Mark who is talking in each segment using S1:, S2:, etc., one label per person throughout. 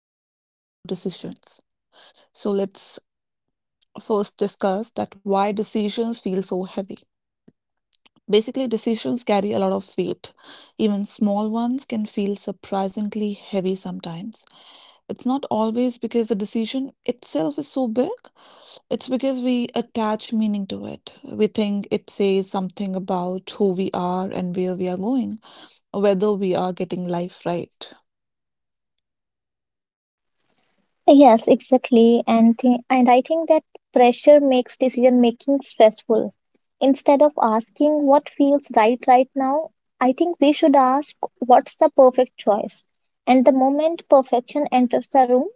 S1: is making better decisions. So, let's first discuss that why decisions feel so heavy. Basically, decisions carry a lot of weight. Even small ones can feel surprisingly heavy sometimes. It's not always because the decision itself is so big, it's because we attach meaning to it. We think it says something about who we are and where we are going, whether we are getting life right.
S2: Yes, exactly. And I think that pressure makes decision making stressful. Instead of asking what feels right right now, I think we should ask what's the perfect choice. And the moment perfection enters the room,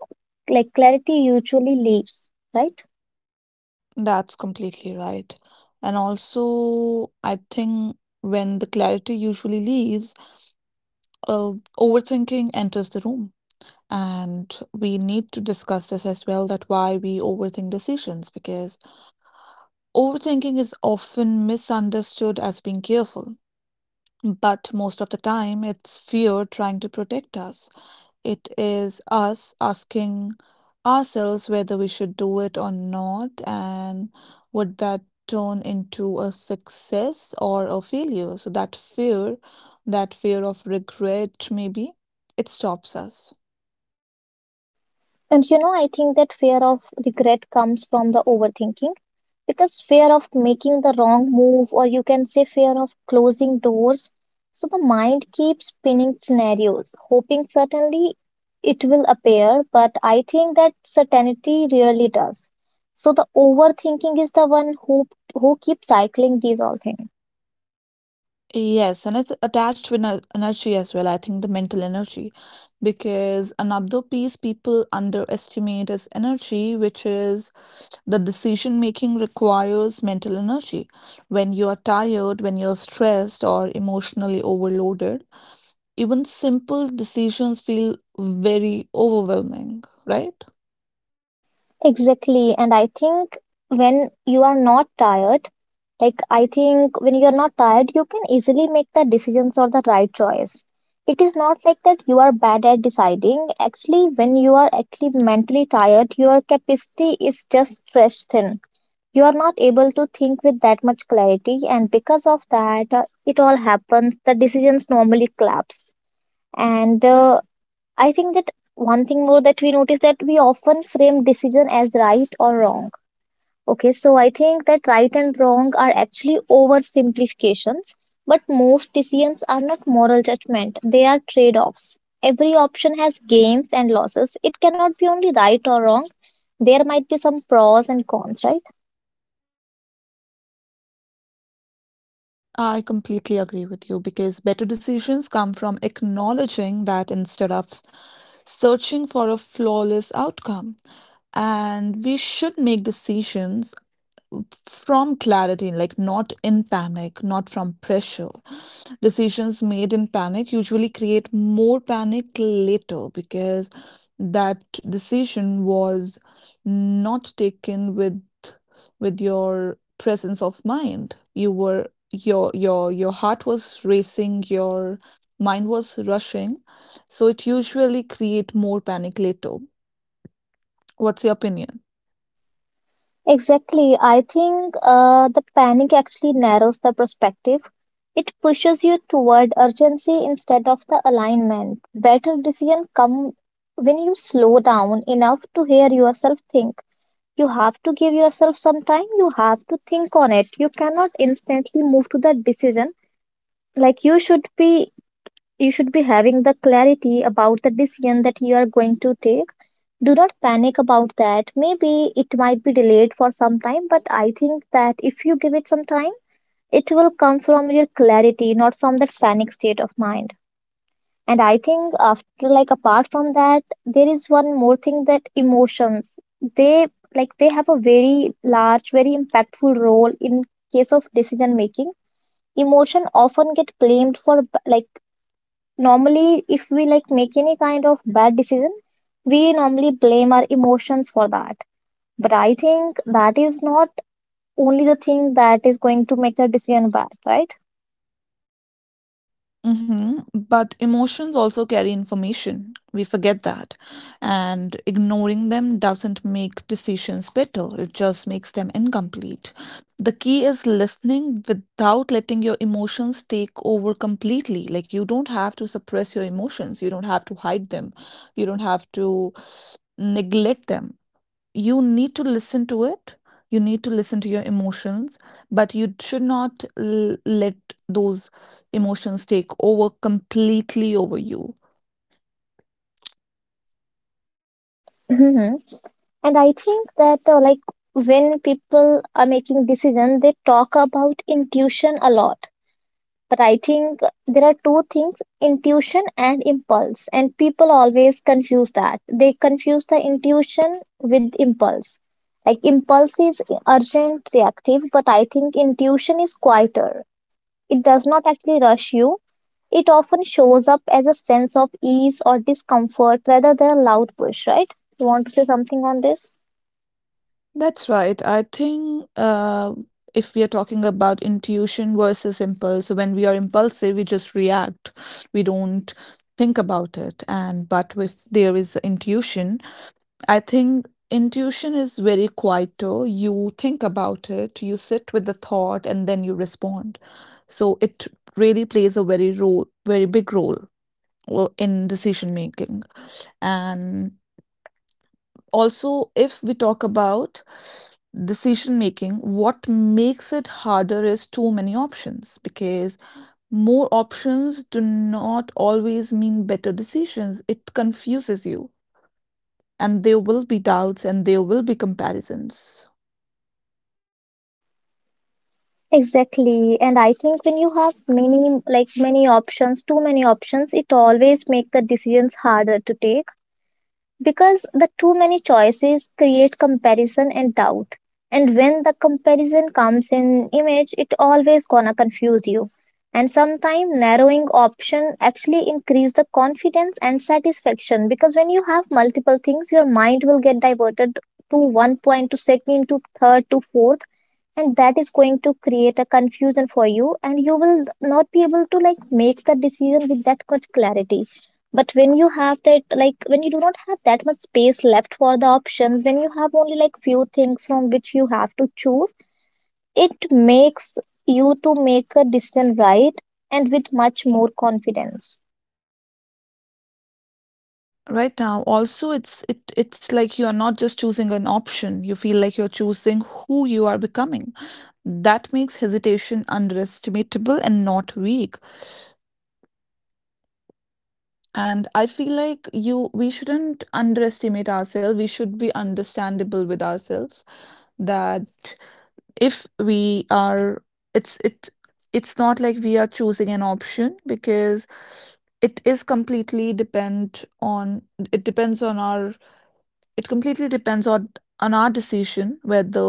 S2: like clarity usually leaves, right?
S1: That's completely right. And also, I think when the clarity usually leaves, uh, overthinking enters the room. And we need to discuss this as well that why we overthink decisions because overthinking is often misunderstood as being careful. But most of the time, it's fear trying to protect us. It is us asking ourselves whether we should do it or not, and would that turn into a success or a failure. So, that fear of regret, maybe, it stops us.
S2: And you know, I think that fear of regret comes from the overthinking because fear of making the wrong move, or you can say fear of closing doors. So the mind keeps spinning scenarios, hoping certainly it will appear, but I think that certainty rarely does. So the overthinking is the one who keeps cycling these all things.
S1: Yes, and it's attached with energy as well. I think the mental energy, because another piece people underestimate is energy, which is the decision making requires mental energy. When you are tired, when you're stressed or emotionally overloaded, even simple decisions feel very overwhelming, right?
S2: Exactly. And I think when you are not tired, like I think when you're not tired, you can easily make the decisions or the right choice. It is not like that you are bad at deciding. Actually, when you are actually mentally tired, your capacity is just stretched thin. You are not able to think with that much clarity, and because of that, it all happens. The decisions normally collapse. And I think that one thing more that we notice that we often frame decision as right or wrong. Okay, so I think that right and wrong are actually oversimplifications, but most decisions are not moral judgment, they are trade offs. Every option has gains and losses. It cannot be only right or wrong. There might be some pros and cons, right?
S1: I completely agree with you because better decisions come from acknowledging that instead of searching for a flawless outcome. And we should make decisions from clarity, like not in panic, not from pressure. Decisions made in panic usually create more panic later because that decision was not taken with your presence of mind. You were your heart was racing, your mind was rushing, so it usually create more panic later. What's your opinion?
S2: Exactly. I think the panic actually narrows the perspective. It pushes you toward urgency instead of the alignment. Better decision come when you slow down enough to hear yourself think. You have to give yourself some time. You have to think on it. You cannot instantly move to the decision. Like you should be having the clarity about the decision that you are going to take. Do not panic about that. Maybe it might be delayed for some time, but I think that if you give it some time, it will come from your clarity, not from that panic state of mind. And I think after like apart from that, there is one more thing that emotions they like they have a very large, very impactful role in case of decision making, emotion often get blamed for like normally if we like make any kind of bad decision, we normally blame our emotions for that, but I think that is not only the thing that is going to make the decision bad, right?
S1: Mhm. But emotions also carry information. We forget that. And ignoring them doesn't make decisions better, it just makes them incomplete. The key is listening without letting your emotions take over completely. Like, you don't have to suppress your emotions, you don't have to hide them, you don't have to neglect them. You need to listen to it, you need to listen to your emotions, but you should not let those emotions take over completely over you.
S2: Hmm. And I think that like when people are making decision they talk about intuition a lot, but I think there are two things, intuition and impulse, and people always confuse that, they confuse the intuition with impulse. Like impulse is urgent, reactive, but I think intuition is quieter. It does not actually rush you. It often shows up as a sense of ease or discomfort rather than a loud push, right? You want to say something on this?
S1: That's right. I think if we are talking about intuition versus impulse, so when we are impulsive, we just react. We don't think about it. And but if there is intuition, I think intuition is very quieter. You think about it, you sit with the thought, and then you respond. So it really plays a very role, very big role in decision making. And also, if we talk about decision making, what makes it harder is too many options because more options do not always mean better decisions. It confuses you, and there will be doubts and there will be comparisons.
S2: Exactly. And I think when you have many, like many options, too many options, it always make the decisions harder to take because the too many choices create comparison and doubt, and when the comparison comes in image it always gonna confuse you. And sometimes narrowing option actually increase the confidence and satisfaction because when you have multiple things your mind will get diverted to one point to second to third to fourth, and that is going to create a confusion for you, and you will not be able to like make the decision with that much clarity. But when you have that, like when you do not have that much space left for the options, when you have only like few things from which you have to choose, it makes you to make a decision, right? And with much more confidence.
S1: Right now, also, it's like you are not just choosing an option. You feel like you're choosing who you are becoming. That makes hesitation underestimatable and not weak. And I feel like you we shouldn't underestimate ourselves. We should be understandable with ourselves that if we are it's it's not like we are choosing an option because it is completely depend on it depends on our it completely depends on our decision whether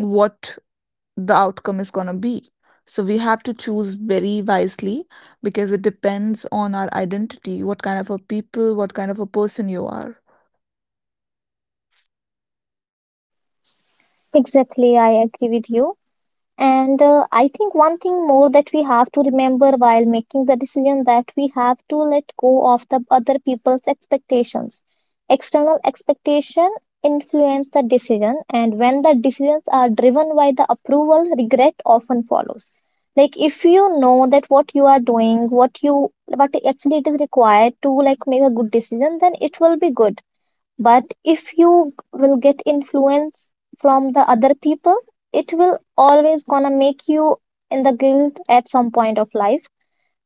S1: what the outcome is going to be. So we have to choose very wisely because it depends on our identity, what kind of a people, what kind of a person you are.
S2: Exactly, I agree with you. And I think one thing more that we have to remember while making the decision, that we have to let go of the other people's expectations. External expectation influence the decision, and when the decisions are driven by the approval, regret often follows. Like if you know that what you are doing, what you what actually it is required to like make a good decision, then it will be good, but if you will get influence from the other people, it will always gonna make you in the guilt at some point of life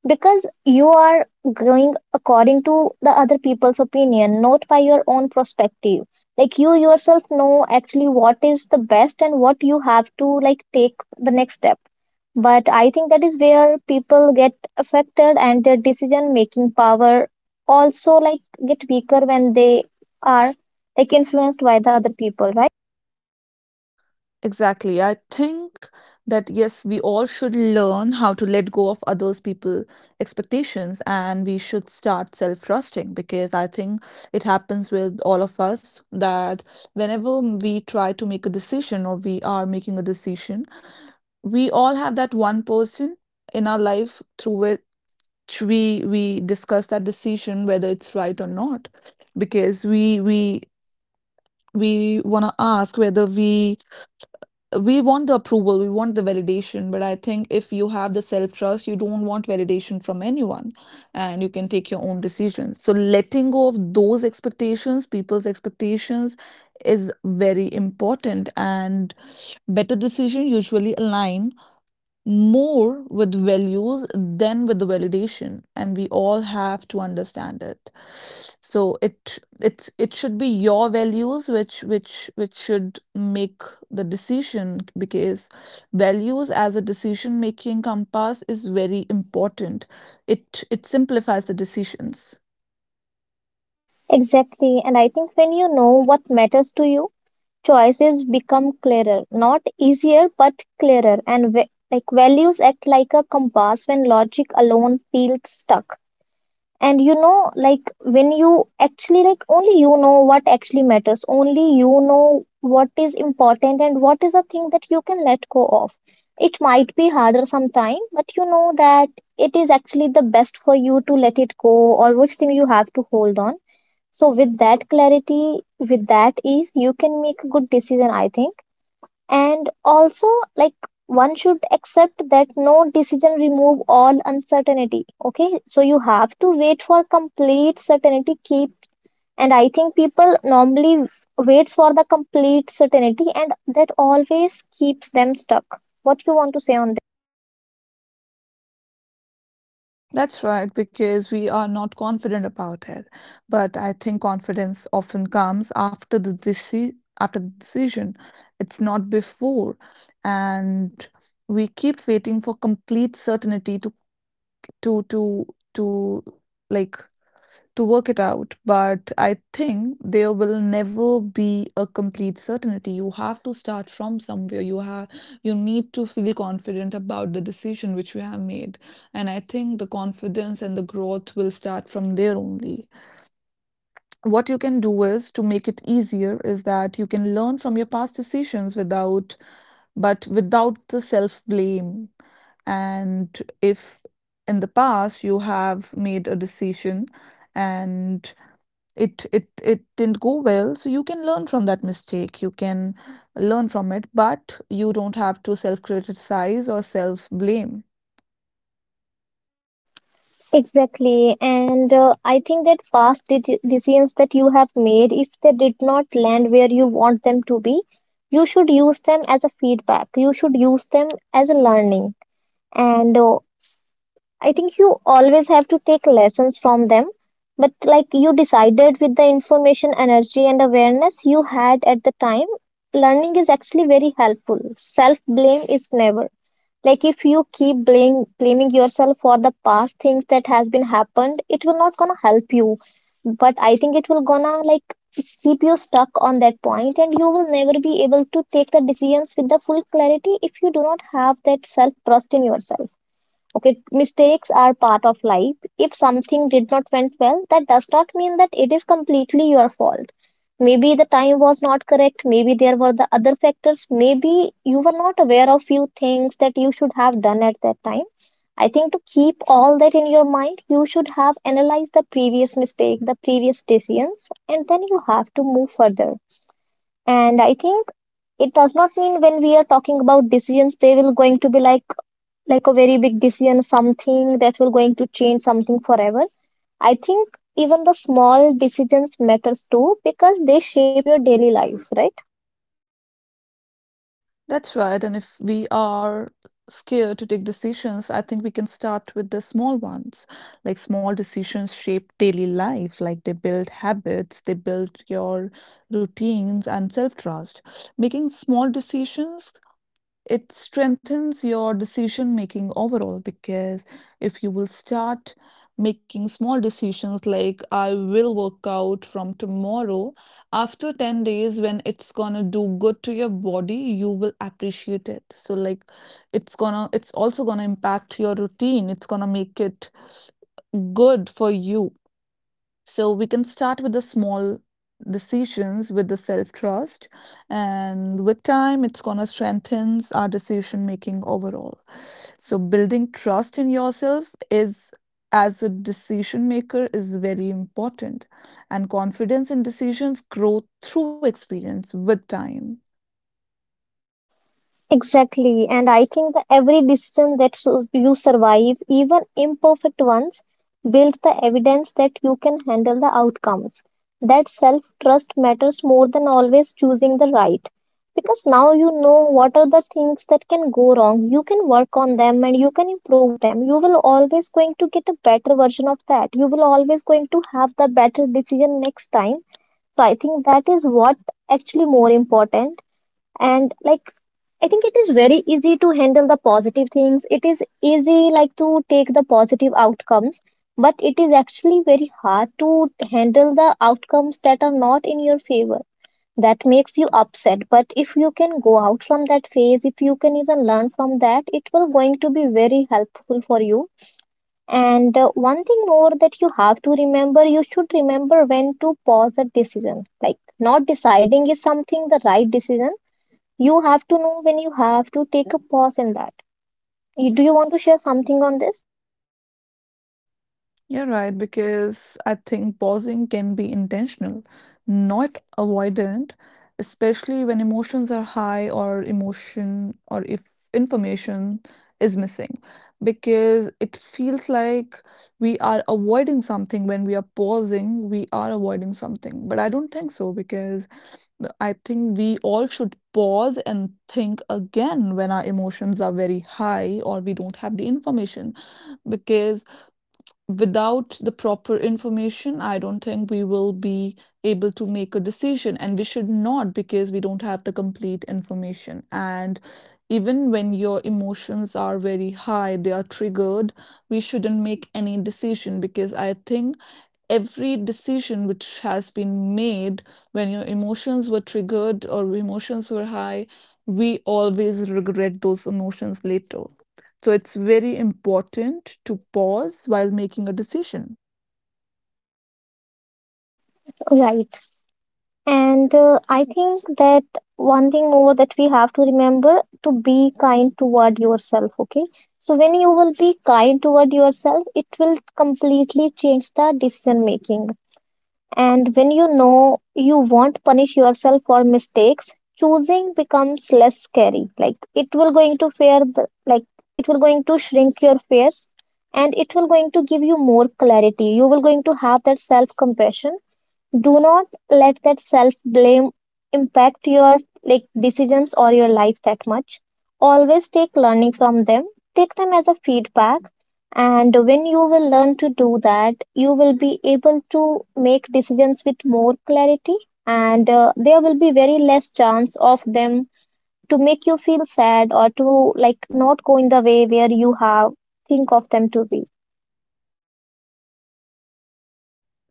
S2: because you are going according to the other people's opinion, not by your own perspective. Like you yourself know actually what is the best and what you have to like take the next step, but I think that is where people get affected and their decision making power also like get weaker when they are like influenced by the other people, right?
S1: Exactly. I think that yes, we all should learn how to let go of others people expectations and we should start self-trusting because I think it happens with all of us that whenever we try to make a decision or we are making a decision, we all have that one person in our life through we discuss that decision whether it's right or not because we want to ask whether we want the approval, we want the validation, but I think if you have the self trust you don't want validation from anyone and you can take your own decisions. So letting go of those expectations, people's expectations, is very important, and better decision usually align more with values than with the validation, and we all have to understand it. So it it's it should be your values which which should make the decision, because values as a decision making compass is very important. It simplifies the decisions.
S2: Exactly. And I think when you know what matters to you, choices become clearer, not easier, but clearer. And like values act like a compass when logic alone feels stuck. And you know, like when you actually like only you know what actually matters, only you know what is important and what is a thing that you can let go of. It might be harder sometime, but you know that it is actually the best for you to let it go, or which thing you have to hold on. So with that clarity, with that ease, you can make a good decision, I think. And also, like, one should accept that no decision remove all uncertainty. Okay, so you have to wait for complete certainty. Keep, and I think people normally waits for the complete certainty, and that always keeps them stuck. What you want to say on
S1: That's right, because we are not confident about it. But I think confidence often comes after the after the decision. It's not before. And we keep waiting for complete certainty to to to to like to work it out. But I think there will never be a complete certainty. You have to start from somewhere. You have you need to feel confident about the decision which you have made. And I think the confidence and the growth will start from there only. What you can do is to make it easier is that you can learn from your past decisions without the self blame. And if in the past you have made a decision and it didn't go well, so you can learn from that mistake, you can learn from it, but you don't have to self criticize or self blame.
S2: that? Exactly. And I think that past decisions that you have made, if they did not land where you want them to be, you should use them as a feedback. You should use them as a learning. And I think you always have to take lessons from them, but like you decided with the information, energy and awareness you had at the time. Learning is actually very helpful, self blame is never, like if you keep blaming yourself for the past things that has been happened, it will not gonna help you, but I think it will gonna like keep you stuck on that point, and you will never be able to take the decisions with the full clarity if you do not have that self trust in yourself. Okay, mistakes are part of life. If something did not went well, that does not mean that it is completely your fault. Maybe the time was not correct, maybe there were the other factors, maybe you were not aware of few things that you should have done at that time. I think to keep all that in your mind, you should have analyzed the previous mistake, the previous decisions, and then you have to move further. And I think it does not mean when we are talking about decisions, they will going to be like a very big decision, something that will going to change something forever. I think even the small decisions matters too because they shape your daily life, right?
S1: That's right, and if we are scared to take decisions, I think we can start with the small ones. Like small decisions shape daily life, like they build habits, they build your routines and self trust. Making small decisions, it strengthens your decision making overall because if you will start making small decisions like I will work out from tomorrow, after 10 days, when it's gonna do good to your body, you will appreciate it. So, like, it's also gonna impact your routine, it's gonna make it good for you. So we can start with the small decisions with the self-trust, and with time, it's gonna strengthens our decision making overall. So building trust in yourself is as a decision maker is very important, and confidence in decisions grow through experience with time.
S2: Exactly. And I think that every decision that you survive, even imperfect ones, builds the evidence that you can handle the outcomes. That self trust matters more than always choosing the right. Because now you know what are the things that can go wrong. You can work on them and you can improve them. You will always going to get a better version of that. You will always going to have the better decision next time. So I think that is what actually more important. And like I think it is very easy to handle the positive things, it is easy like to take the positive outcomes, but it is actually very hard to handle the outcomes that are not in your favor, that makes you upset. But if you can go out from that phase, if you can even learn from that, it will going to be very helpful for you. And one thing more that you have to remember, you should remember when to pause a decision, like not deciding is something the right decision. You have to know when you have to take a pause in that. Do you want to share something on this?
S1: You're right, because I think pausing can be intentional, not avoidant, especially when emotions are high or emotion or if information is missing, because it feels like we are avoiding something when we are pausing, we are avoiding something. But I don't think so, because I think we all should pause and think again when our emotions are very high or we don't have the information, because without the proper information, I don't think we will be able to make a decision, and we should not because we don't have the complete information. And even when your emotions are very high, they are triggered, we shouldn't make any decision because I think every decision which has been made when your emotions were triggered or emotions were high, we always regret those emotions later. So it's very important to pause while making a decision.
S2: Right. And I think that one thing more that we have to remember to be kind toward yourself, okay? So when you will be kind toward yourself, it will completely change the decision making. And when you know you won't punish yourself for mistakes, choosing becomes less scary. Like it will going to fear the like it will going to shrink your fears, and it will going to give you more clarity. You will going to have that self compassion. Do not let that self blame impact your like decisions or your life that much. Always take learning from them. Take them as a feedback. And when you will learn to do that, you will be able to make decisions with more clarity, and there will be very less chance of them to make you feel sad or to like not go in the way where you have think of them to be.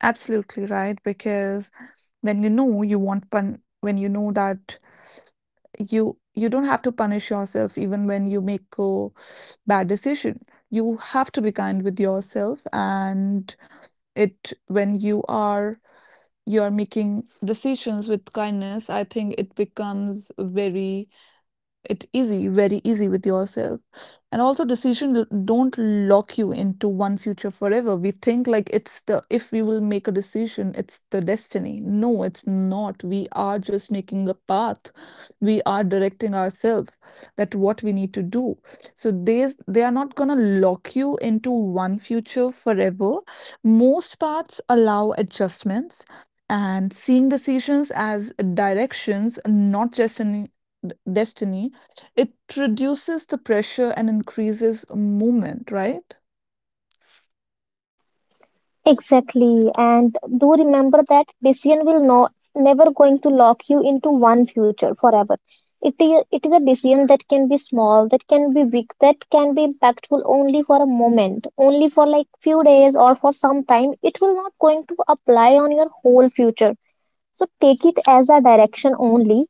S1: Absolutely right, because when you know that you don't have to punish yourself even when you make a bad decision. You have to be kind with yourself, and it when you are making decisions with kindness, I think it becomes very it easy very easy with yourself. And also decisions don't lock you into one future forever. We think like it's the if we will make a decision it's the destiny. No, it's not, we are just making a path, we are directing ourselves that what we need to do. So they are not going to lock you into one future forever. Most paths allow adjustments, and seeing decisions as directions, not just an destiny, it reduces the pressure and increases movement, right?
S2: Exactly. And do remember that decision will no, never going to lock you into one future forever. It is a decision that can be small, that can be big, that can be impactful only for a moment, only for like few days or for some time. It will not going to apply on your whole future. So take it as a direction only,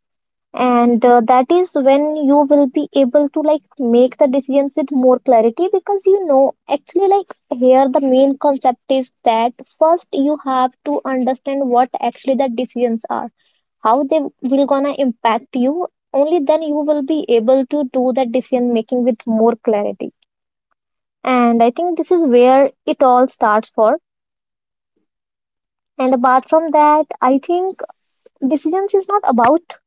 S2: and that is when you will be able to like make the decisions with more clarity, because you know actually, like here the main concept is that first you have to understand what actually the decisions are, how they will gonna impact you. Only then you will be able to do that decision making with more clarity. And I think this is where it all starts for. And apart from that, I think decisions is not about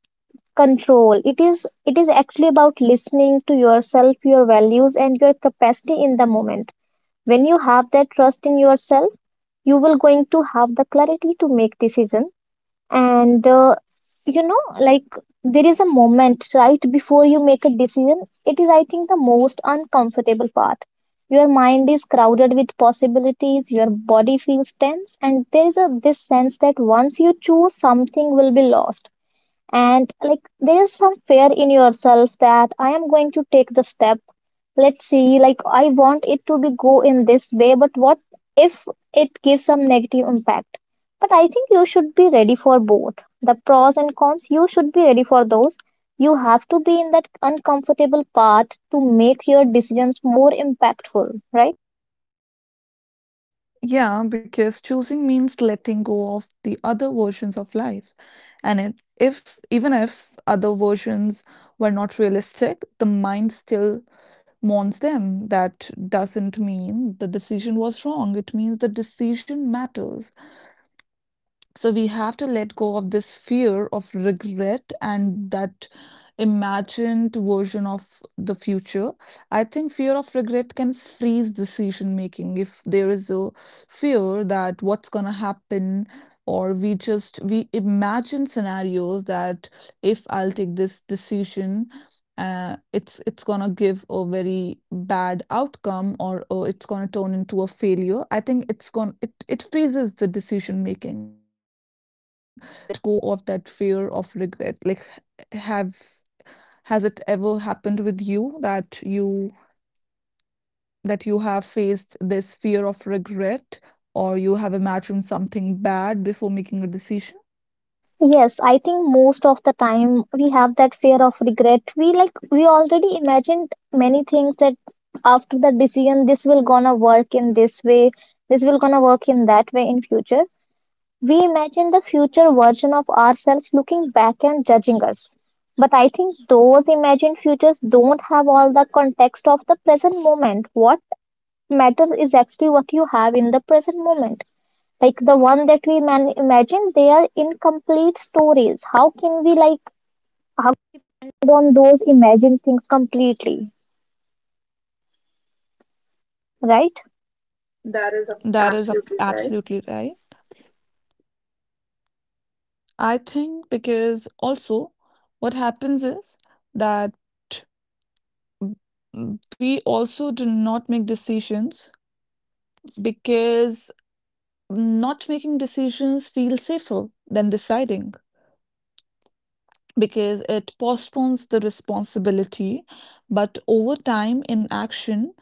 S2: control. It is actually about listening to yourself, your values and your capacity in the moment. When you have that trust in yourself, you will going to have the clarity to make decision. And you know, like there is a moment right before you make a decision. It is, I think, the most uncomfortable part. Your mind is crowded with possibilities, your body feels tense, and there is a this sense that once you choose, something will be lost. And like there's some fear in yourself that I am going to take the step. Let's see, like I want it to be go in this way, but what if it gives some negative impact? But I think you should be ready for both. The pros and cons, you should be ready for those. You have to be in that uncomfortable part to make your decisions more impactful, right?
S1: Yeah, because choosing means letting go of the other versions of life. If even if other versions were not realistic, the mind still mourns them. That doesn't mean the decision was wrong. It means the decision matters. So we have to let go of this fear of regret and that imagined version of the future. I think fear of regret can freeze decision making if there is a fear that what's gonna happen, or we just we imagine scenarios that if I'll take this decision, it's gonna give a very bad outcome, or it's gonna turn into a failure. I think it freezes the decision making, so we should let go of that fear of regret. Like, have has it ever happened with you that you that you have faced this fear of regret or you have imagined something bad before making a decision?
S2: Yes, I think most of the time we have that fear of regret. We already imagined many things that after the decision this will gonna work in this way, this will gonna work in that way in future. We imagine the future version of ourselves looking back and judging us. But I think those imagined futures don't have all the context of the present moment. What matters is actually what you have in the present moment, like the one that we imagine, they are incomplete stories. How can we like
S1: That is absolutely right. I think because also what happens is that we also do not make decisions because not making decisions feels safer than deciding because it postpones the responsibility, but over time inaction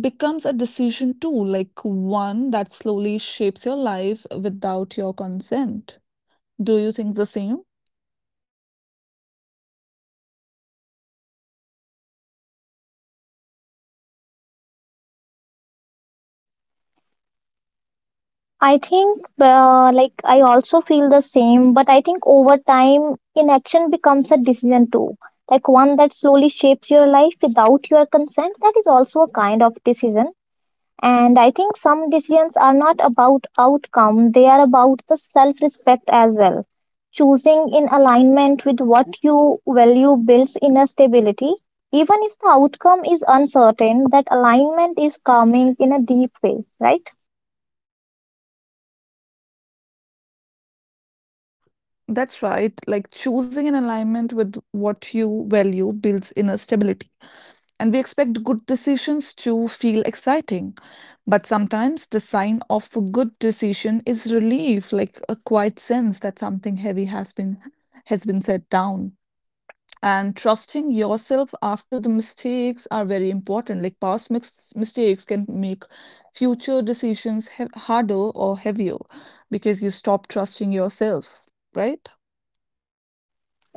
S1: becomes a decision too, like one that slowly shapes your life without your consent. Do you think the same?
S2: I think, like, I also feel the same, but I think over time, inaction becomes a decision too. Like, one that slowly shapes your life without your consent, that is also a kind of decision. And I think some decisions are not about outcome, they are about the self respect as well. Choosing in alignment with what you value builds inner stability. Even if the outcome is uncertain, that alignment is calming in a deep way, right?
S1: That's right. Like choosing an alignment with what you value builds inner stability. And we expect good decisions to feel exciting. But sometimes the sign of a good decision is relief, like a quiet sense that something heavy has been set down. And trusting yourself after the mistakes are very important. Like past mistakes can make future decisions harder or heavier, because you stop trusting yourself, right?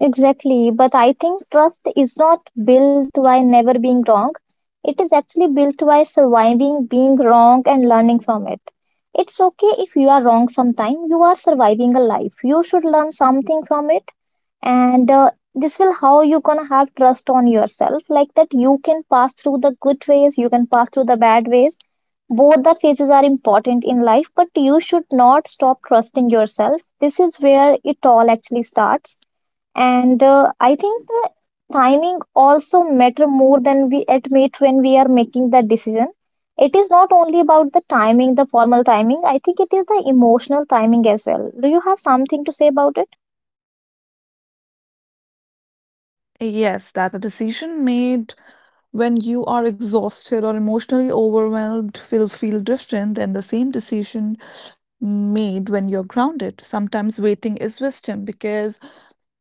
S2: Exactly, but I think trust is not built by never being wrong. It is actually built by surviving being wrong and learning from it. It's okay if you are wrong sometime. You are surviving a life. You should learn something from it, and this will how you gonna have trust on yourself, like that you can pass through the good ways, you can pass through the bad ways. Both the phases are important in life, but you should not stop trusting yourself. This is where it all actually starts. And I think the timing also matter more than we admit. When we are making the decision, it is not only about the timing, the formal timing. I think it is the emotional timing as well. Do you have something to say about it?
S1: Yes, that a decision made when you are exhausted or emotionally overwhelmed will feel different than the same decision made when you're grounded. Sometimes waiting is wisdom, because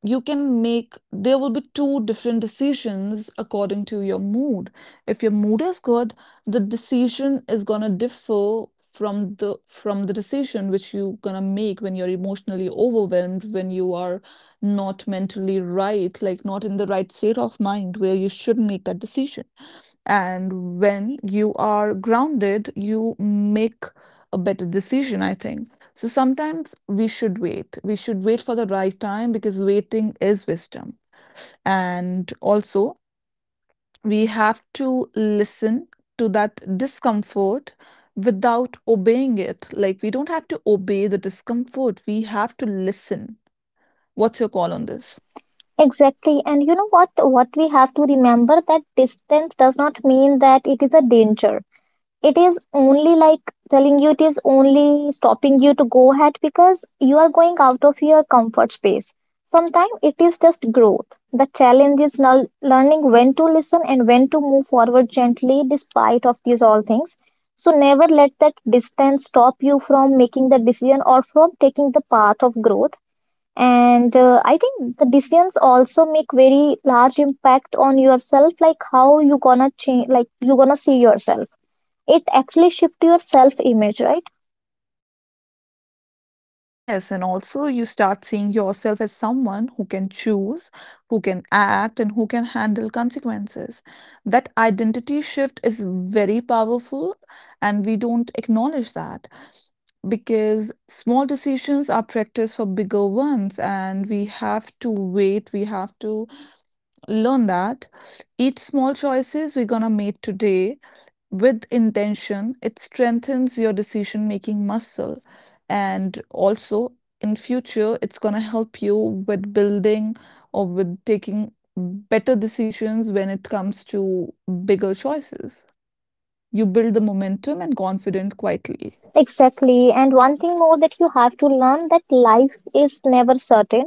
S1: you can make there will be two different decisions according to your mood. If your mood is good, the decision is going to differ from the decision which you going to make when you're emotionally overwhelmed, when you are not mentally right, like not in the right state of mind where you should make that decision. And when you are grounded, you make a better decision, I think. So sometimes we should wait. We should wait for the right time because waiting is wisdom. And also, we have to listen to that discomfort without obeying it. Like, we don't have to obey the discomfort, we have to listen. What's your call on this?
S2: Exactly. And you know what we have to remember that distance does not mean that it is a danger. It is only like telling you, it is only stopping you to go ahead because you are going out of your comfort space. Sometimes it is just growth. The challenge is now learning when to listen and when to move forward gently despite of these all things. So never let that distance stop you from making the decision or from taking the path of growth. And I think the decisions also make very large impact on yourself, like how you gonna change, like you gonna see yourself. It actually shift your self image, right?
S1: Yes, and also you start seeing yourself as someone who can choose, who can act, and who can handle consequences. That identity shift is very powerful, and we don't acknowledge that because small decisions are practice for bigger ones, and we have to wait, we have to learn that each small choices we're gonna make today with intention it strengthens your decision making muscle. And also in future it's gonna help you with building or with taking better decisions when it comes to bigger choices. You build the momentum and confidence quietly.
S2: Exactly. And one thing more that you have to learn, that life is never certain.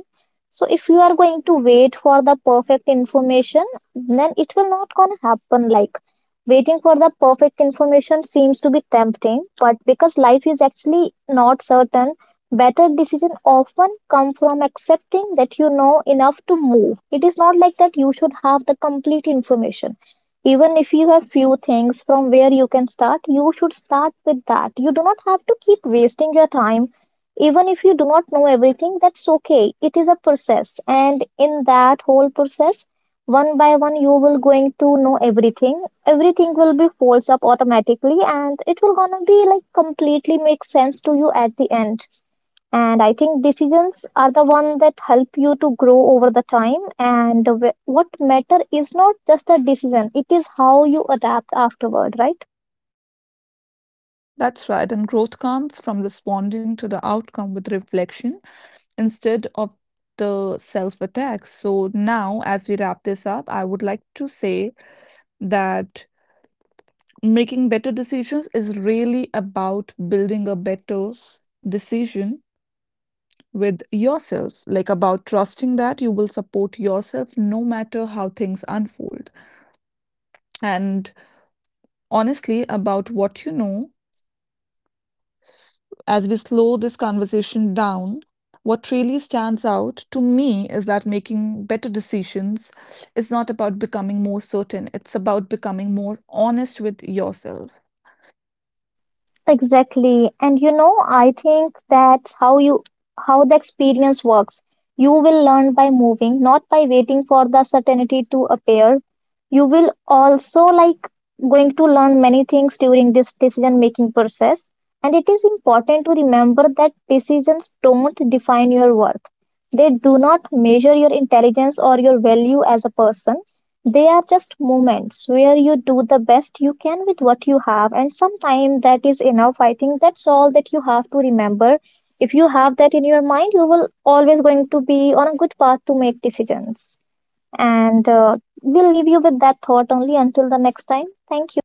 S2: So if you are going to wait for the perfect information, then it will not gonna happen. Like waiting for the perfect information seems to be tempting, but because life is actually not certain, better decision often come from accepting that you know enough to move. It is not like that you should have the complete information. Even if you have few things from where you can start, you should start with that. You do not have to keep wasting your time. Even if you do not know everything, that's okay. It is a process. And in that whole process, one by one, you will going to know everything. Everything will be folds up automatically and it will gonna be like completely make sense to you at the end. And I think decisions are the one that help you to grow over the time. And what matter is not just a decision, it is how you adapt afterward, right?
S1: That's right, and growth comes from responding to the outcome with reflection instead of the self attack. So, now as we wrap this up, I would like to say that making better decisions is really about building a better decision with yourself, like about trusting that you will support yourself no matter how things unfold. And honestly, about what you know as we slow this conversation down, what really stands out to me is that making better decisions is not about becoming more certain, it's about becoming more honest with yourself.
S2: Exactly. And you know, I think that's how you how the experience works. You will learn by moving, not by waiting for the certainty to appear. You will also like going to learn many things during this decision making process. And it is important to remember that decisions don't define your worth. They do not measure your intelligence or your value as a person. They are just moments where you do the best you can with what you have, and sometimes that is enough. I think that's all that you have to remember. If you have that in your mind, you will always going to be on a good path to make decisions. And we'll leave you with that thought only until the next time. Thank you.